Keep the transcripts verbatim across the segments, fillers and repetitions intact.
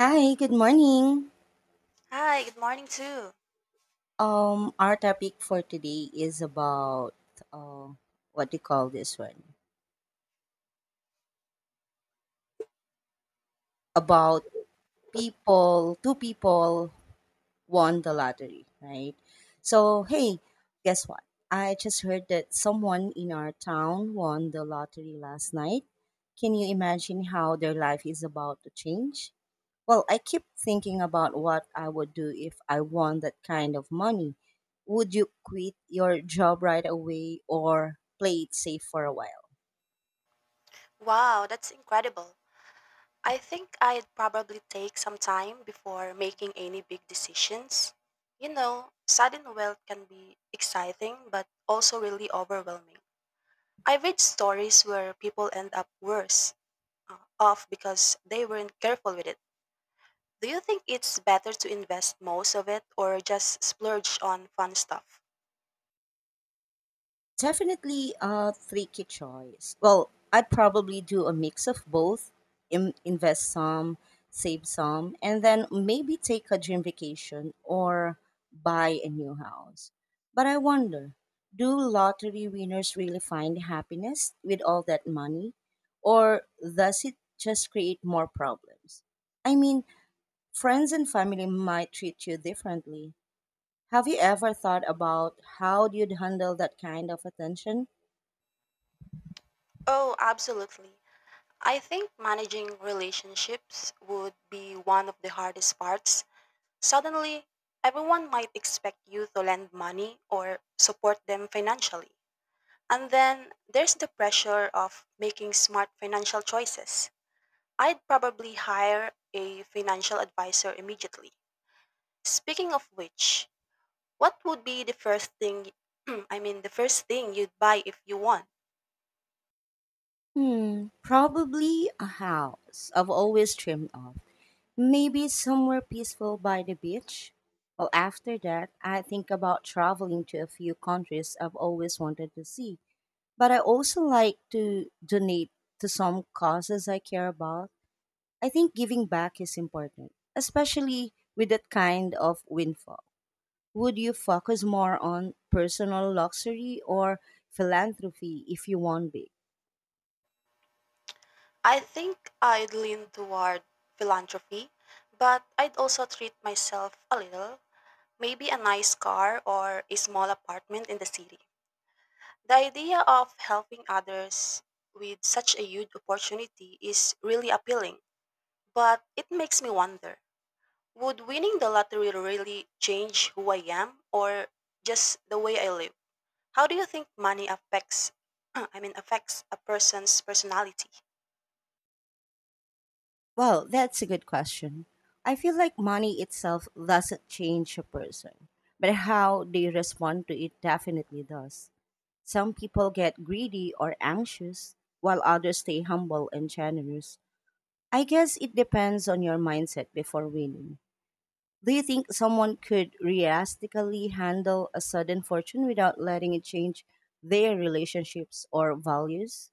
Hi, good morning. Hi, good morning too. Um, our topic for today is about uh, what do you call this one? About people, two people won the lottery, right? So, hey, guess what? I just heard that someone in our town won the lottery last night. Can you imagine how their life is about to change? Well, I keep thinking about what I would do if I won that kind of money. Would you quit your job right away or play it safe for a while? Wow, that's incredible. I think I'd probably take some time before making any big decisions. You know, sudden wealth can be exciting but also really overwhelming. I read stories where people end up worse uh, off because they weren't careful with it. Do you think it's better to invest most of it or just splurge on fun stuff? Definitely a tricky choice. Well, I'd probably do a mix of both, im invest some, save some, and then maybe take a dream vacation or buy a new house. But I wonder, do lottery winners really find happiness with all that money, or does it just create more problems? I mean, friends and family might treat you differently. Have you ever thought about how you'd handle that kind of attention? Oh, absolutely. I think managing relationships would be one of the hardest parts. Suddenly, everyone might expect you to lend money or support them financially. And then there's the pressure of making smart financial choices. I'd probably hire a financial advisor immediately. Speaking of which, what would be the first thing I mean the first thing you'd buy if you won? Hmm, probably a house I've always dreamed of. Maybe somewhere peaceful by the beach. Well, after that, I think about traveling to a few countries I've always wanted to see. But I also like to donate to some causes I care about. I think giving back is important, especially with that kind of windfall. Would you focus more on personal luxury or philanthropy if you want big? I think I'd lean toward philanthropy, but I'd also treat myself a little, maybe a nice car or a small apartment in the city. The idea of helping others with such a huge opportunity is really appealing, but it makes me wonder, would winning the lottery really change who I am or just the way I live? How do you think money affects I mean affects a person's personality? Well, that's a good question. I feel like money itself doesn't change a person, but how they respond to it definitely does. Some people get greedy or anxious, while others stay humble and generous. I guess it depends on your mindset before winning. Do you think someone could realistically handle a sudden fortune without letting it change their relationships or values?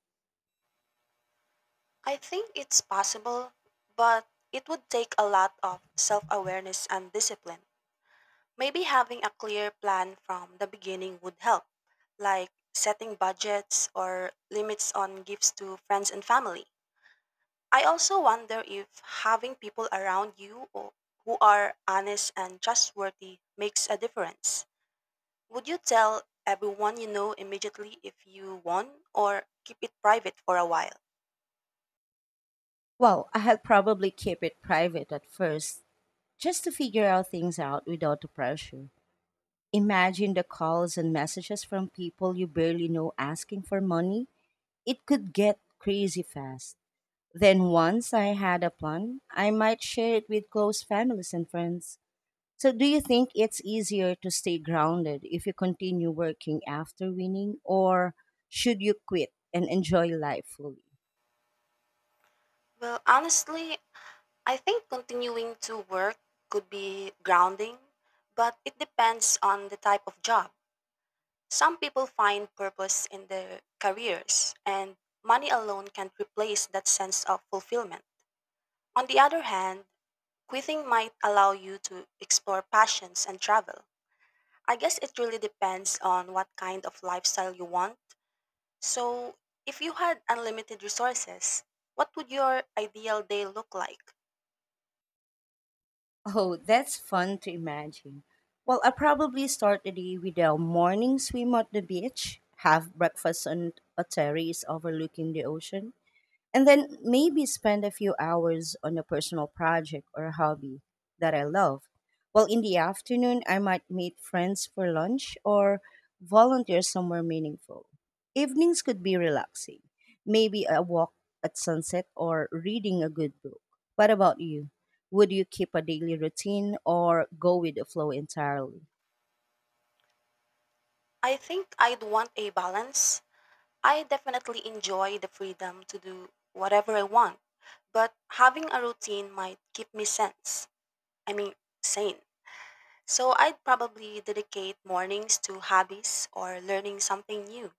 I think it's possible, but it would take a lot of self awareness and discipline. Maybe having a clear plan from the beginning would help, like setting budgets or limits on gifts to friends and family. I also wonder if having people around you or who are honest and trustworthy makes a difference. Would you tell everyone you know immediately if you won or keep it private for a while? Well, I had probably keep it private at first, just to figure out things out without the pressure. Imagine the calls and messages from people you barely know asking for money. It could get crazy fast. Then, once I had a plan, I might share it with close families and friends. So, do you think it's easier to stay grounded if you continue working after winning, or should you quit and enjoy life fully? Well, honestly, I think continuing to work could be grounding, but it depends on the type of job. Some people find purpose in their careers, and money alone can't replace that sense of fulfillment. On the other hand, quitting might allow you to explore passions and travel. I guess it really depends on what kind of lifestyle you want. So, if you had unlimited resources, what would your ideal day look like? Oh, that's fun to imagine. Well, I probably start the day with a morning swim at the beach, have breakfast on a terrace overlooking the ocean, and then maybe spend a few hours on a personal project or hobby that I love. While in the afternoon, I might meet friends for lunch or volunteer somewhere meaningful. Evenings could be relaxing, maybe a walk at sunset or reading a good book. What about you? Would you keep a daily routine or go with the flow entirely? I think I'd want a balance. I definitely enjoy the freedom to do whatever I want, but having a routine might keep me sense. I mean, sane. So I'd probably dedicate mornings to hobbies or learning something new,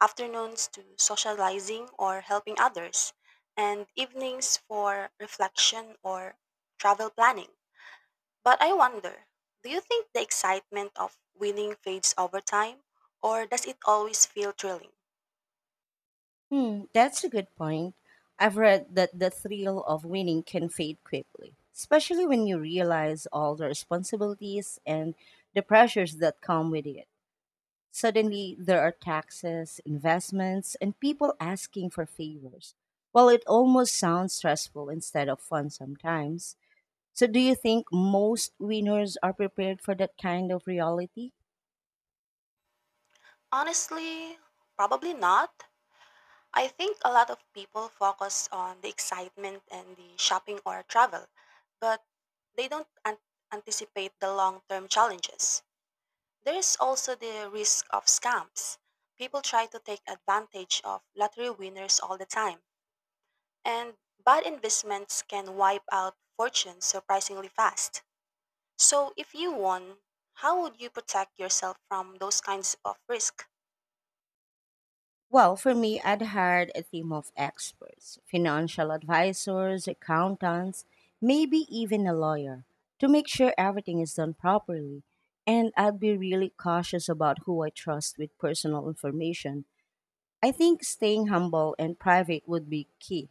afternoons to socializing or helping others, and evenings for reflection or travel planning. But I wonder, do you think the excitement of winning fades over time, or does it always feel thrilling? Hmm, that's a good point. I've read that the thrill of winning can fade quickly, especially when you realize all the responsibilities and the pressures that come with it. Suddenly, there are taxes, investments, and people asking for favors. Well, it almost sounds stressful instead of fun sometimes. So, do you think most winners are prepared for that kind of reality? Honestly, probably not. I think a lot of people focus on the excitement and the shopping or travel, but they don't an- anticipate the long term challenges. There is also the risk of scams. People try to take advantage of lottery winners all the time, and bad investments can wipe out fortunes surprisingly fast. So, if you won, how would you protect yourself from those kinds of risk? Well, for me, I'd hired a team of experts, financial advisors, accountants, maybe even a lawyer, to make sure everything is done properly. And I'd be really cautious about who I trust with personal information. I think staying humble and private would be key.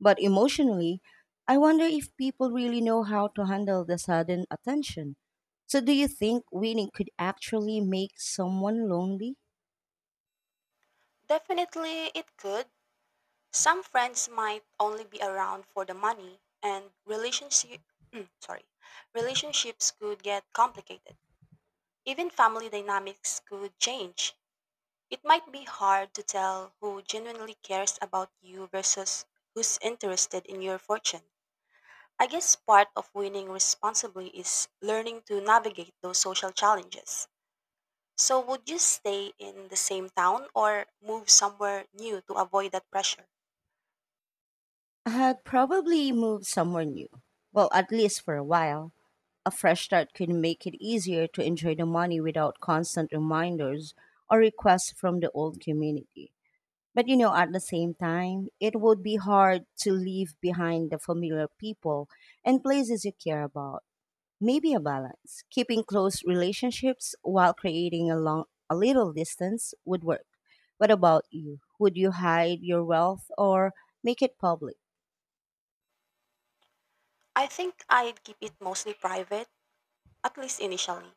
But emotionally, I wonder if people really know how to handle the sudden attention. So, do you think winning could actually make someone lonely? Definitely, it could. Some friends might only be around for the money, and relationship sorry, relationships could get complicated. Even family dynamics could change. It might be hard to tell who genuinely cares about you versus who's interested in your fortune. I guess part of winning responsibly is learning to navigate those social challenges. So, would you stay in the same town or move somewhere new to avoid that pressure? I'd probably move somewhere new. Well, at least for a while. A fresh start could make it easier to enjoy the money without constant reminders or requests from the old community. But you know, at the same time, it would be hard to leave behind the familiar people and places you care about. Maybe a balance, keeping close relationships while creating a long a little distance would work. What about you? Would you hide your wealth or make it public? I think I'd keep it mostly private, at least initially.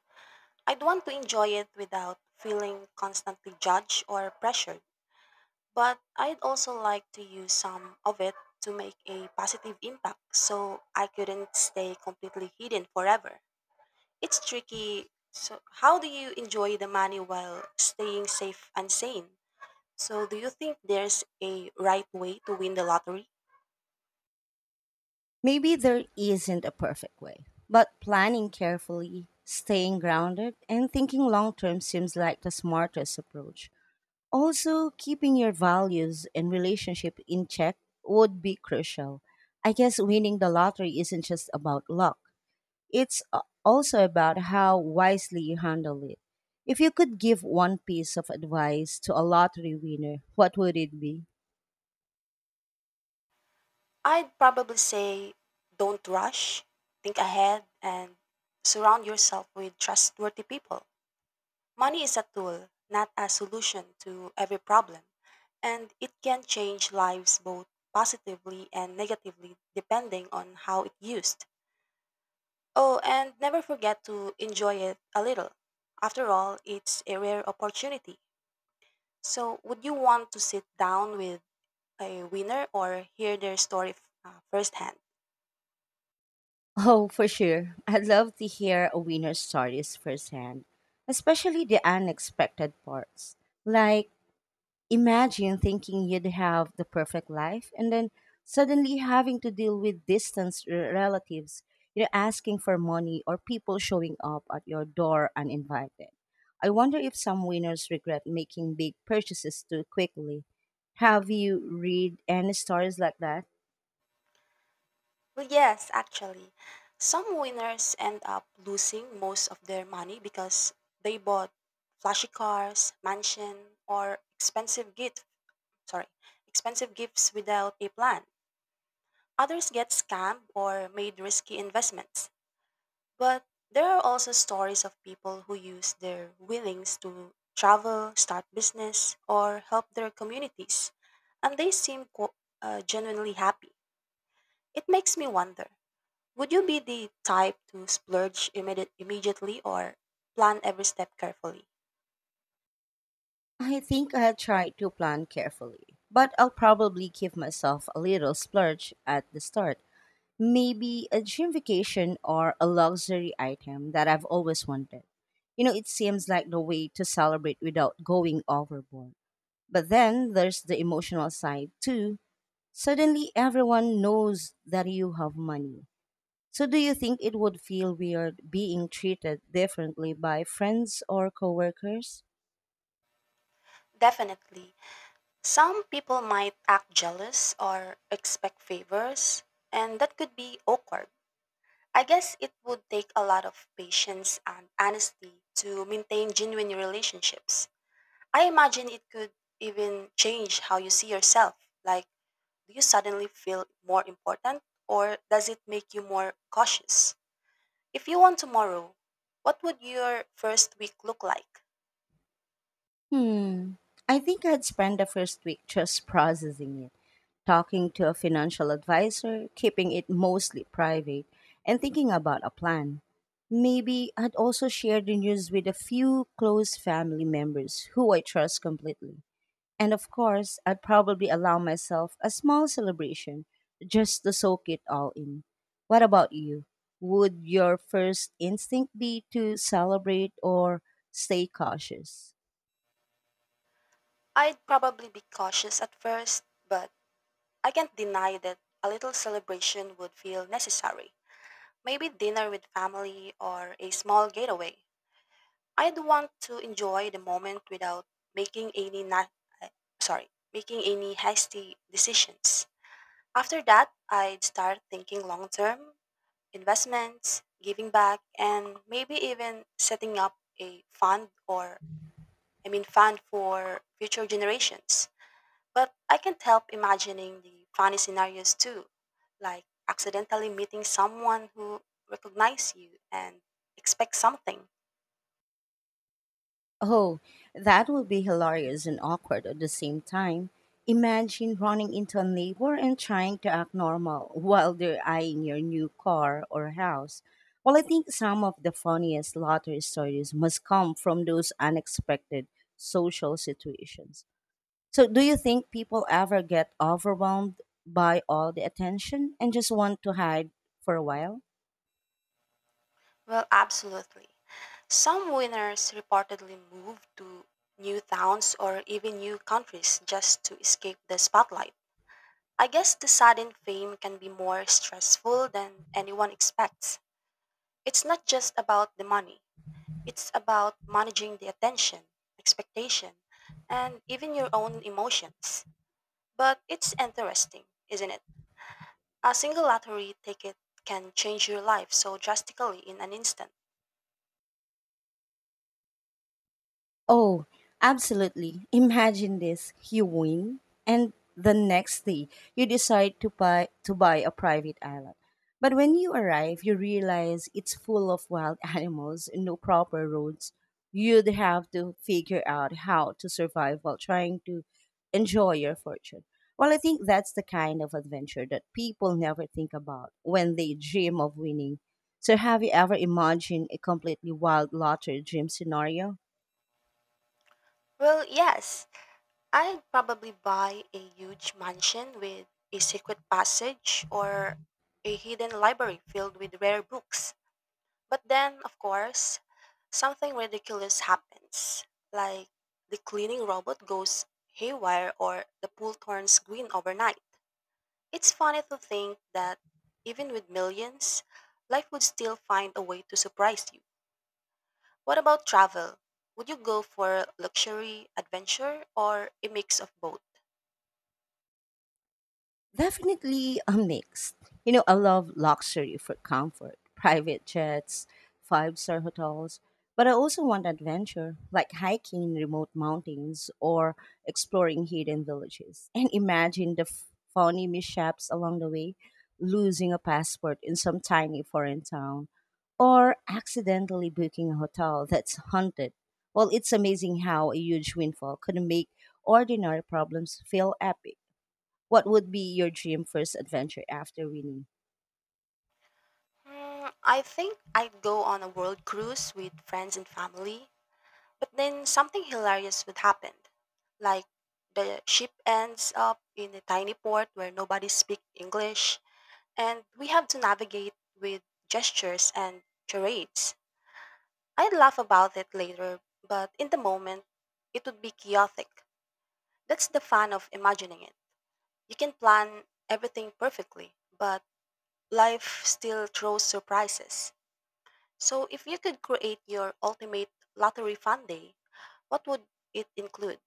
I'd want to enjoy it without feeling constantly judged or pressured. But I'd also like to use some of it to make a positive impact so I couldn't stay completely hidden forever. It's tricky. So, how do you enjoy the money while staying safe and sane? So, do you think there's a right way to win the lottery? Maybe there isn't a perfect way, but planning carefully, staying grounded, and thinking long term seems like the smartest approach. Also, keeping your values and relationship in check would be crucial. I guess winning the lottery isn't just about luck, it's a- also about how wisely you handle it. If you could give one piece of advice to a lottery winner, what would it be? I'd probably say don't rush, think ahead, and surround yourself with trustworthy people. Money is a tool, not a solution to every problem, and it can change lives both positively and negatively depending on how it's used. Oh, and never forget to enjoy it a little. After all, it's a rare opportunity. So, would you want to sit down with a winner or hear their story f- uh, firsthand? Oh, for sure. I'd love to hear a winner's stories firsthand, especially the unexpected parts. Like, imagine thinking you'd have the perfect life and then suddenly having to deal with distant r- relatives, you know, asking for money or people showing up at your door uninvited. I wonder if some winners regret making big purchases too quickly. Have you read any stories like that? Well, yes, actually. Some winners end up losing most of their money because they bought flashy cars, mansion, or expensive gift, sorry, expensive gifts without a plan. Others get scammed or made risky investments. But there are also stories of people who use their winnings to travel, start business, or help their communities, and they seem qu- uh, genuinely happy. It makes me wonder, would you be the type to splurge immediate, immediately or plan every step carefully? I think I'll try to plan carefully, but I'll probably give myself a little splurge at the start. Maybe a dream vacation or a luxury item that I've always wanted. You know, it seems like the way to celebrate without going overboard. But then there's the emotional side too. Suddenly everyone knows that you have money. So do you think it would feel weird being treated differently by friends or coworkers? Definitely. Some people might act jealous or expect favors, and that could be awkward. I guess it would take a lot of patience and honesty to maintain genuine relationships. I imagine it could even change how you see yourself. Like, do you suddenly feel more important, or does it make you more cautious? If you won tomorrow, what would your first week look like? Hmm. I think I'd spend the first week just processing it, talking to a financial advisor, keeping it mostly private, and thinking about a plan. Maybe I'd also share the news with a few close family members who I trust completely. And of course, I'd probably allow myself a small celebration just to soak it all in. What about you? Would your first instinct be to celebrate or stay cautious? I'd probably be cautious at first, but I can't deny that a little celebration would feel necessary. Maybe dinner with family or a small getaway. I'd want to enjoy the moment without making any na- eh, sorry, making any hasty decisions. After that, I'd start thinking long term, investments, giving back, and maybe even setting up a fund or I mean fun for future generations. But I can't help imagining the funny scenarios too, like accidentally meeting someone who recognizes you and expects something. Oh, that would be hilarious and awkward at the same time. Imagine running into a neighbor and trying to act normal while they're eyeing your new car or house. Well, I think some of the funniest lottery stories must come from those unexpected social situations. So, do you think people ever get overwhelmed by all the attention and just want to hide for a while? Well, absolutely. Some winners reportedly move to new towns or even new countries just to escape the spotlight. I guess the sudden fame can be more stressful than anyone expects. It's not just about the money. It's about managing the attention, expectation, and even your own emotions. But it's interesting, isn't it? A single lottery ticket can change your life so drastically in an instant. Oh, absolutely. Imagine this. You win and the next day you decide to buy to buy a private island. But when you arrive, you realize it's full of wild animals, no proper roads. You'd have to figure out how to survive while trying to enjoy your fortune. Well, I think that's the kind of adventure that people never think about when they dream of winning. So, have you ever imagined a completely wild lottery dream scenario? Well, yes, I'd probably buy a huge mansion with a secret passage or a hidden library filled with rare books. But then, of course, something ridiculous happens, like the cleaning robot goes haywire or the pool turns green overnight. It's funny to think that even with millions, life would still find a way to surprise you. What about travel? Would you go for luxury, adventure, or a mix of both? Definitely a mix. You know, I love luxury for comfort, private jets, five star hotels, but I also want adventure, like hiking in remote mountains or exploring hidden villages. And imagine the f- funny mishaps along the way, losing a passport in some tiny foreign town, or accidentally booking a hotel that's haunted. Well, it's amazing how a huge windfall could make ordinary problems feel epic. What would be your dream first adventure after winning? Hmm, I think I'd go on a world cruise with friends and family. But then something hilarious would happen. Like the ship ends up in a tiny port where nobody speaks English and we have to navigate with gestures and charades. I'd laugh about it later, but in the moment, it would be chaotic. That's the fun of imagining it. You can plan everything perfectly, but life still throws surprises. So if you could create your ultimate lottery fun day, what would it include?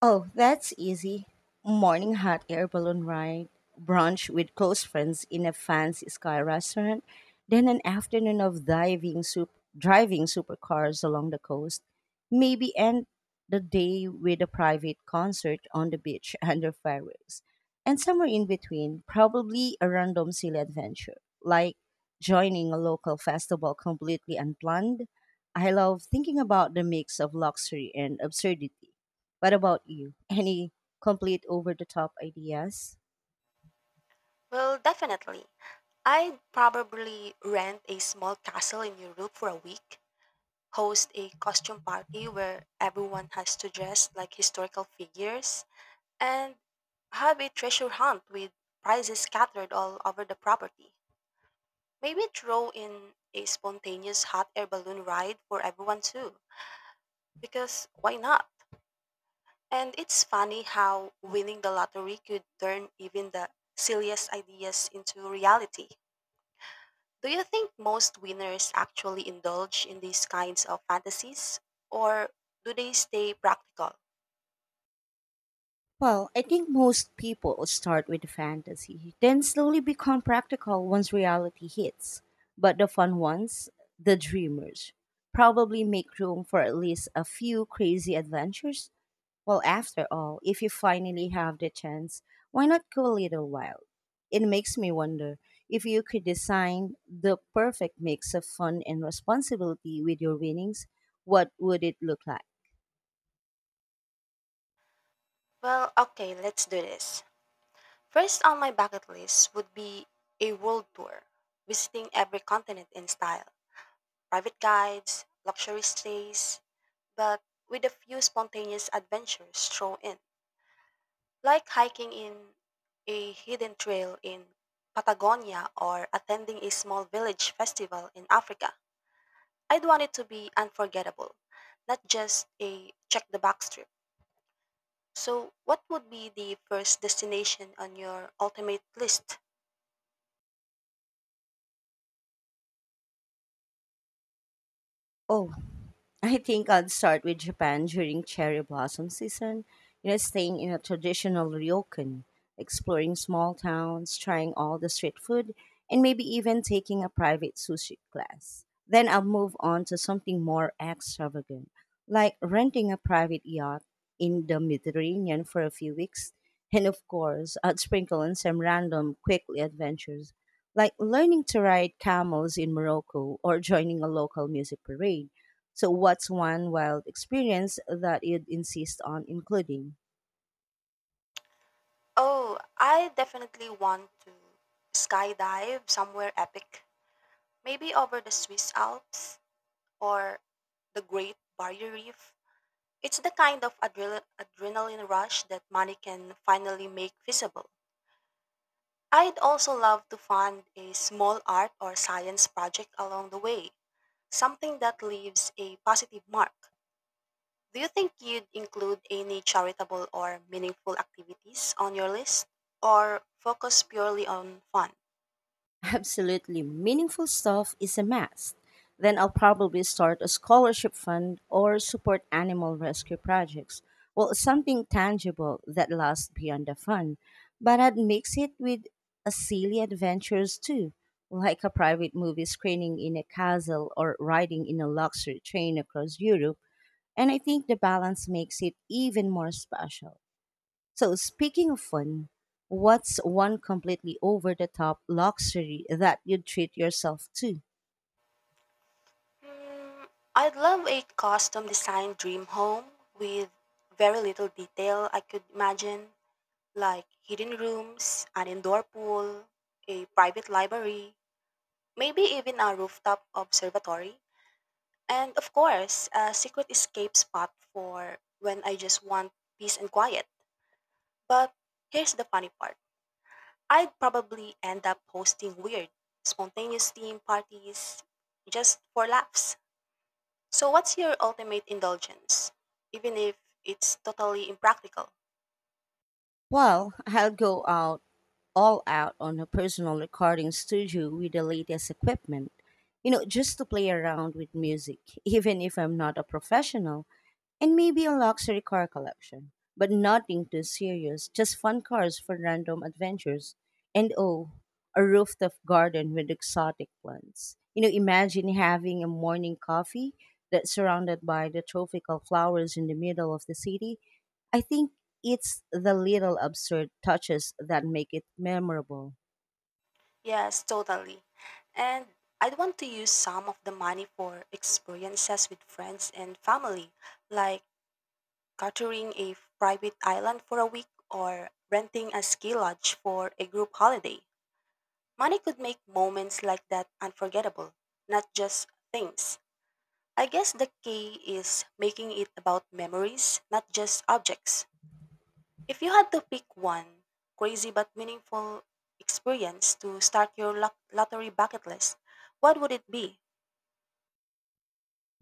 Oh, that's easy. Morning hot air balloon ride, brunch with close friends in a fancy sky restaurant, then an afternoon of diving soup, driving supercars along the coast, maybe end the day with a private concert on the beach under fireworks. And somewhere in between, probably a random silly adventure, like joining a local festival completely unplanned. I love thinking about the mix of luxury and absurdity. What about you? Any complete over the top ideas? Well, definitely. I'd probably rent a small castle in Europe for a week, host a costume party where everyone has to dress like historical figures, and have a treasure hunt with prizes scattered all over the property. Maybe throw in a spontaneous hot air balloon ride for everyone too, because why not? And it's funny how winning the lottery could turn even the silliest ideas into reality. Do you think most winners actually indulge in these kinds of fantasies? Or do they stay practical? Well, I think most people start with fantasy, then slowly become practical once reality hits. But the fun ones, the dreamers, probably make room for at least a few crazy adventures. Well, after all, if you finally have the chance, why not go a little wild? It makes me wonder, if you could design the perfect mix of fun and responsibility with your winnings, what would it look like? Well, okay, let's do this. First on my bucket list would be a world tour, visiting every continent in style, private guides, luxury stays, but with a few spontaneous adventures thrown in, like hiking in a hidden trail in Patagonia or attending a small village festival in Africa. I'd want it to be unforgettable, not just a check the box trip. So, what would be the first destination on your ultimate list? Oh, I think I'd start with Japan during cherry blossom season, you know, staying in a traditional ryokan, exploring small towns, trying all the street food, and maybe even taking a private sushi class. Then I'll move on to something more extravagant, like renting a private yacht in the Mediterranean for a few weeks. And of course, I'd sprinkle in some random quickly adventures, like learning to ride camels in Morocco or joining a local music parade. So, what's one wild experience that you'd insist on including? Oh, I definitely want to skydive somewhere epic. Maybe over the Swiss Alps or the Great Barrier Reef. It's the kind of adre- adrenaline rush that money can finally make visible. I'd also love to fund a small art or science project along the way. Something that leaves a positive mark. Do you think you'd include any charitable or meaningful activities on your list or focus purely on fun? Absolutely, meaningful stuff is a must. Then I'll probably start a scholarship fund or support animal rescue projects. Well, something tangible that lasts beyond the fun. But I'd mix it with a silly adventures too, like a private movie screening in a castle or riding in a luxury train across Europe. And I think the balance makes it even more special. So, speaking of fun, what's one completely over the top luxury that you'd treat yourself to? Hmm, I'd love a custom designed dream home with very little detail I could imagine, like hidden rooms, an indoor pool, a private library, maybe even a rooftop observatory, and of course, a secret escape spot for when I just want peace and quiet. But here's the funny part. I'd probably end up hosting weird, spontaneous theme parties just for laughs. So, what's your ultimate indulgence? Even if it's totally impractical. Well, I'll go out all out on a personal recording studio with the latest equipment, you know, just to play around with music, even if I'm not a professional, and maybe a luxury car collection, but nothing too serious, just fun cars for random adventures, and oh, a rooftop garden with exotic plants. You know, imagine having a morning coffee that's surrounded by the tropical flowers in the middle of the city. I think it's the little absurd touches that make it memorable. Yes, totally. And I'd want to use some of the money for experiences with friends and family, like chartering a private island for a week or renting a ski lodge for a group holiday. Money could make moments like that unforgettable, not just things. I guess the key is making it about memories, not just objects. If you had to pick one crazy but meaningful experience to start your lot- lottery bucket list, what would it be?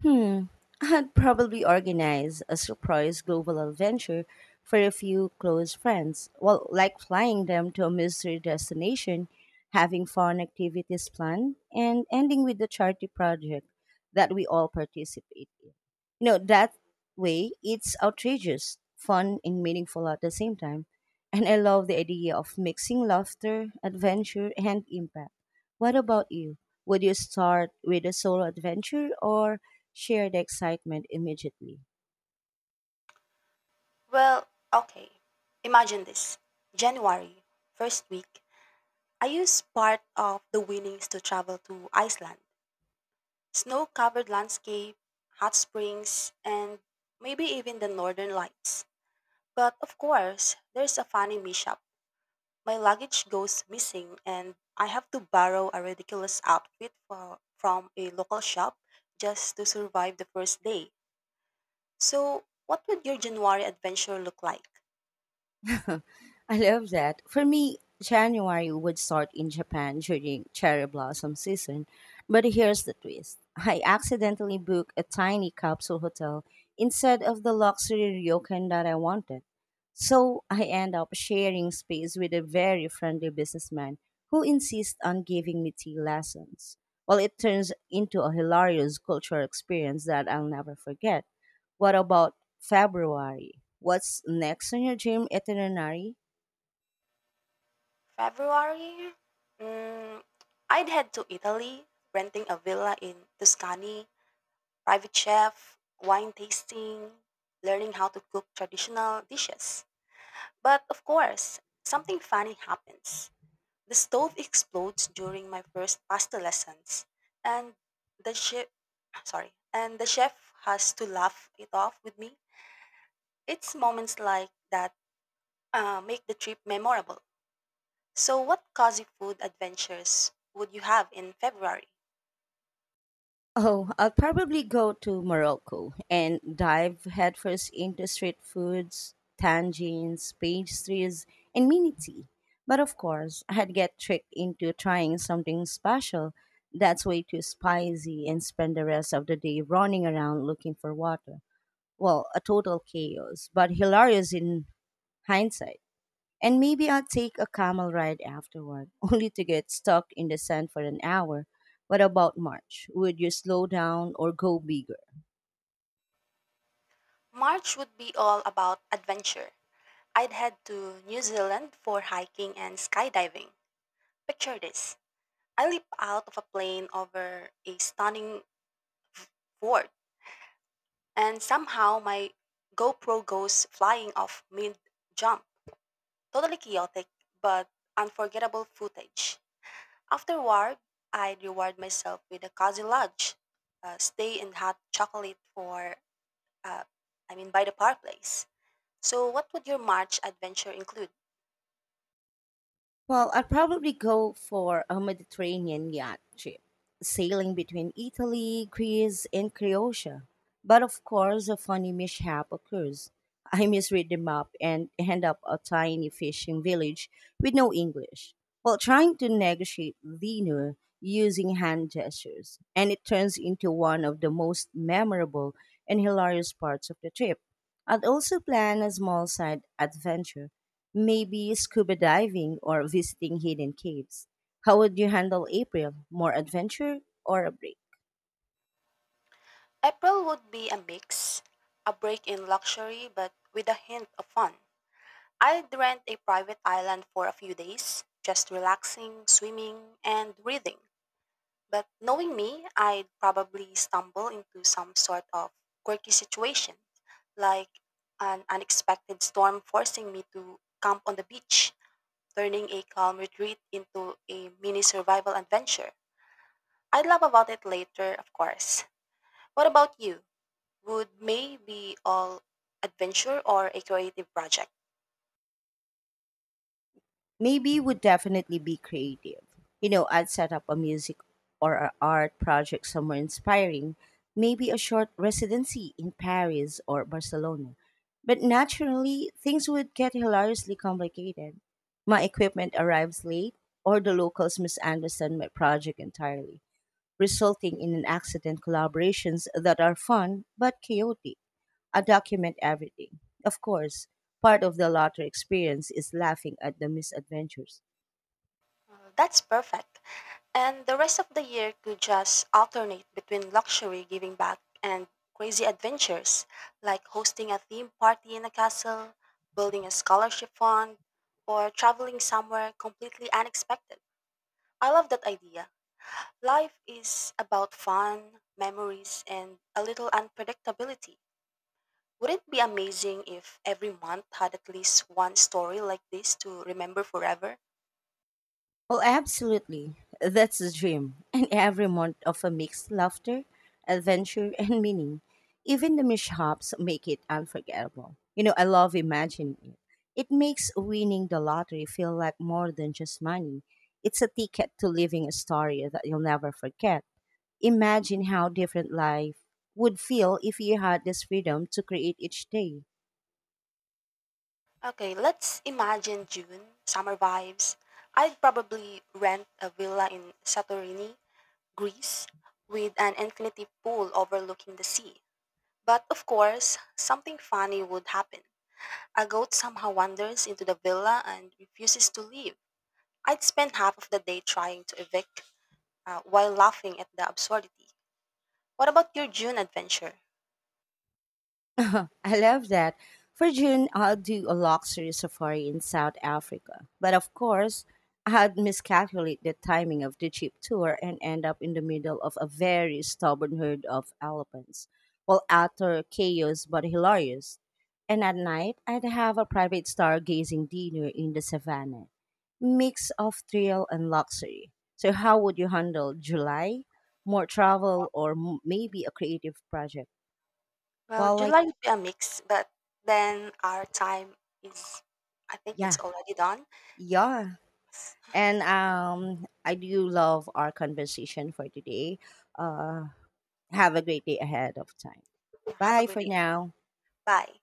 Hmm, I'd probably organize a surprise global adventure for a few close friends. Well, like flying them to a mystery destination, having fun activities planned, and ending with a charity project that we all participate in. You know, that way it's outrageous, fun, and meaningful at the same time. And I love the idea of mixing laughter, adventure, and impact. What about you? Would you start with a solo adventure or share the excitement immediately? Well, okay. Imagine this. January, first week, I used part of the winnings to travel to Iceland. Snow covered landscape, hot springs, and maybe even the northern lights. But of course, there's a funny mishap. My luggage goes missing, and I have to borrow a ridiculous outfit for, from a local shop just to survive the first day. So, what would your January adventure look like? I love that. For me, January would start in Japan during cherry blossom season. But here's the twist, I accidentally booked a tiny capsule hotel instead of the luxury ryokan that I wanted. So I end up sharing space with a very friendly businessman who insists on giving me tea lessons. Well, it turns into a hilarious cultural experience that I'll never forget. What about February? What's next on your dream itinerary? February? Mm, I'd head to Italy, renting a villa in Tuscany, private chef, wine tasting, learning how to cook traditional dishes. But of course, something funny happens. The stove explodes during my first pasta lessons, and the chef, sorry, and the chef has to laugh it off with me. It's moments like that uh, make the trip memorable. So, what cozy food adventures would you have in February? Oh, I'll probably go to Morocco and dive headfirst into street foods, tangines, pastries, and mini tea. But of course, I'd get tricked into trying something special that's way too spicy and spend the rest of the day running around looking for water. Well, a total chaos, but hilarious in hindsight. And maybe I'll take a camel ride afterward, only to get stuck in the sand for an hour. What about March? Would you slow down or go bigger? March would be all about adventure. I'd head to New Zealand for hiking and skydiving. Picture this. I leap out of a plane over a stunning fort, and somehow my GoPro goes flying off mid jump. Totally chaotic, but unforgettable footage. Afterward, I'd reward myself with a cozy lodge, a stay in hot chocolate for, uh, I mean, by the park place. So, what would your March adventure include? Well, I'd probably go for a Mediterranean yacht trip, sailing between Italy, Greece, and Croatia. But of course, a funny mishap occurs. I misread the map and end up a tiny fishing village with no English. While trying to negotiate dinner using hand gestures, and it turns into one of the most memorable and hilarious parts of the trip. I'd also plan a small side adventure. Maybe scuba diving or visiting hidden caves. How would you handle April? More adventure or a break? April would be a mix, a break in luxury but with a hint of fun. I'd rent a private island for a few days, just relaxing, swimming, and reading. But knowing me, I'd probably stumble into some sort of quirky situation, like an unexpected storm forcing me to camp on the beach, turning a calm retreat into a mini survival adventure. I'd laugh about it later, of course. What about you? Would may be all adventure or a creative project. Maybe would definitely be creative. You know, I'd set up a music or an art project somewhere inspiring. Maybe a short residency in Paris or Barcelona. But naturally, things would get hilariously complicated. My equipment arrives late, or the locals misunderstand my project entirely, resulting in an accident collaborations that are fun but chaotic. I document everything. Of course, part of the latter experience is laughing at the misadventures. Uh, That's perfect. And the rest of the year could just alternate between luxury giving back and crazy adventures, like hosting a theme party in a castle, building a scholarship fund, or traveling somewhere completely unexpected. I love that idea. Life is about fun, memories, and a little unpredictability. Would it be amazing if every month had at least one story like this to remember forever? Oh, absolutely. That's the dream. And every month of a mixed laughter, adventure, and meaning. Even the mishaps make it unforgettable. You know, I love imagining it. It makes winning the lottery feel like more than just money. It's a ticket to living a story that you'll never forget. Imagine how different life would feel if you had this freedom to create each day. Okay, let's imagine June, summer vibes. I'd probably rent a villa in Santorini, Greece, with an infinity pool overlooking the sea. But of course, something funny would happen. A goat somehow wanders into the villa and refuses to leave. I'd spend half of the day trying to evict uh, while laughing at the absurdity. What about your June adventure? I love that. For June, I'll do a luxury safari in South Africa. But of course, I had miscalculate the timing of the jeep tour and end up in the middle of a very stubborn herd of elephants. Well, utter chaos, but hilarious. And at night, I'd have a private stargazing dinner in the savannah. Mix of thrill and luxury. So, how would you handle July? More travel or m- maybe a creative project? Well, Well, like, July would be a mix, but then our time is, I think it's yeah. already done. Yeah. And um, I do love our conversation for today. Uh, have a great day ahead of time. Have a Bye good for day. now. Bye.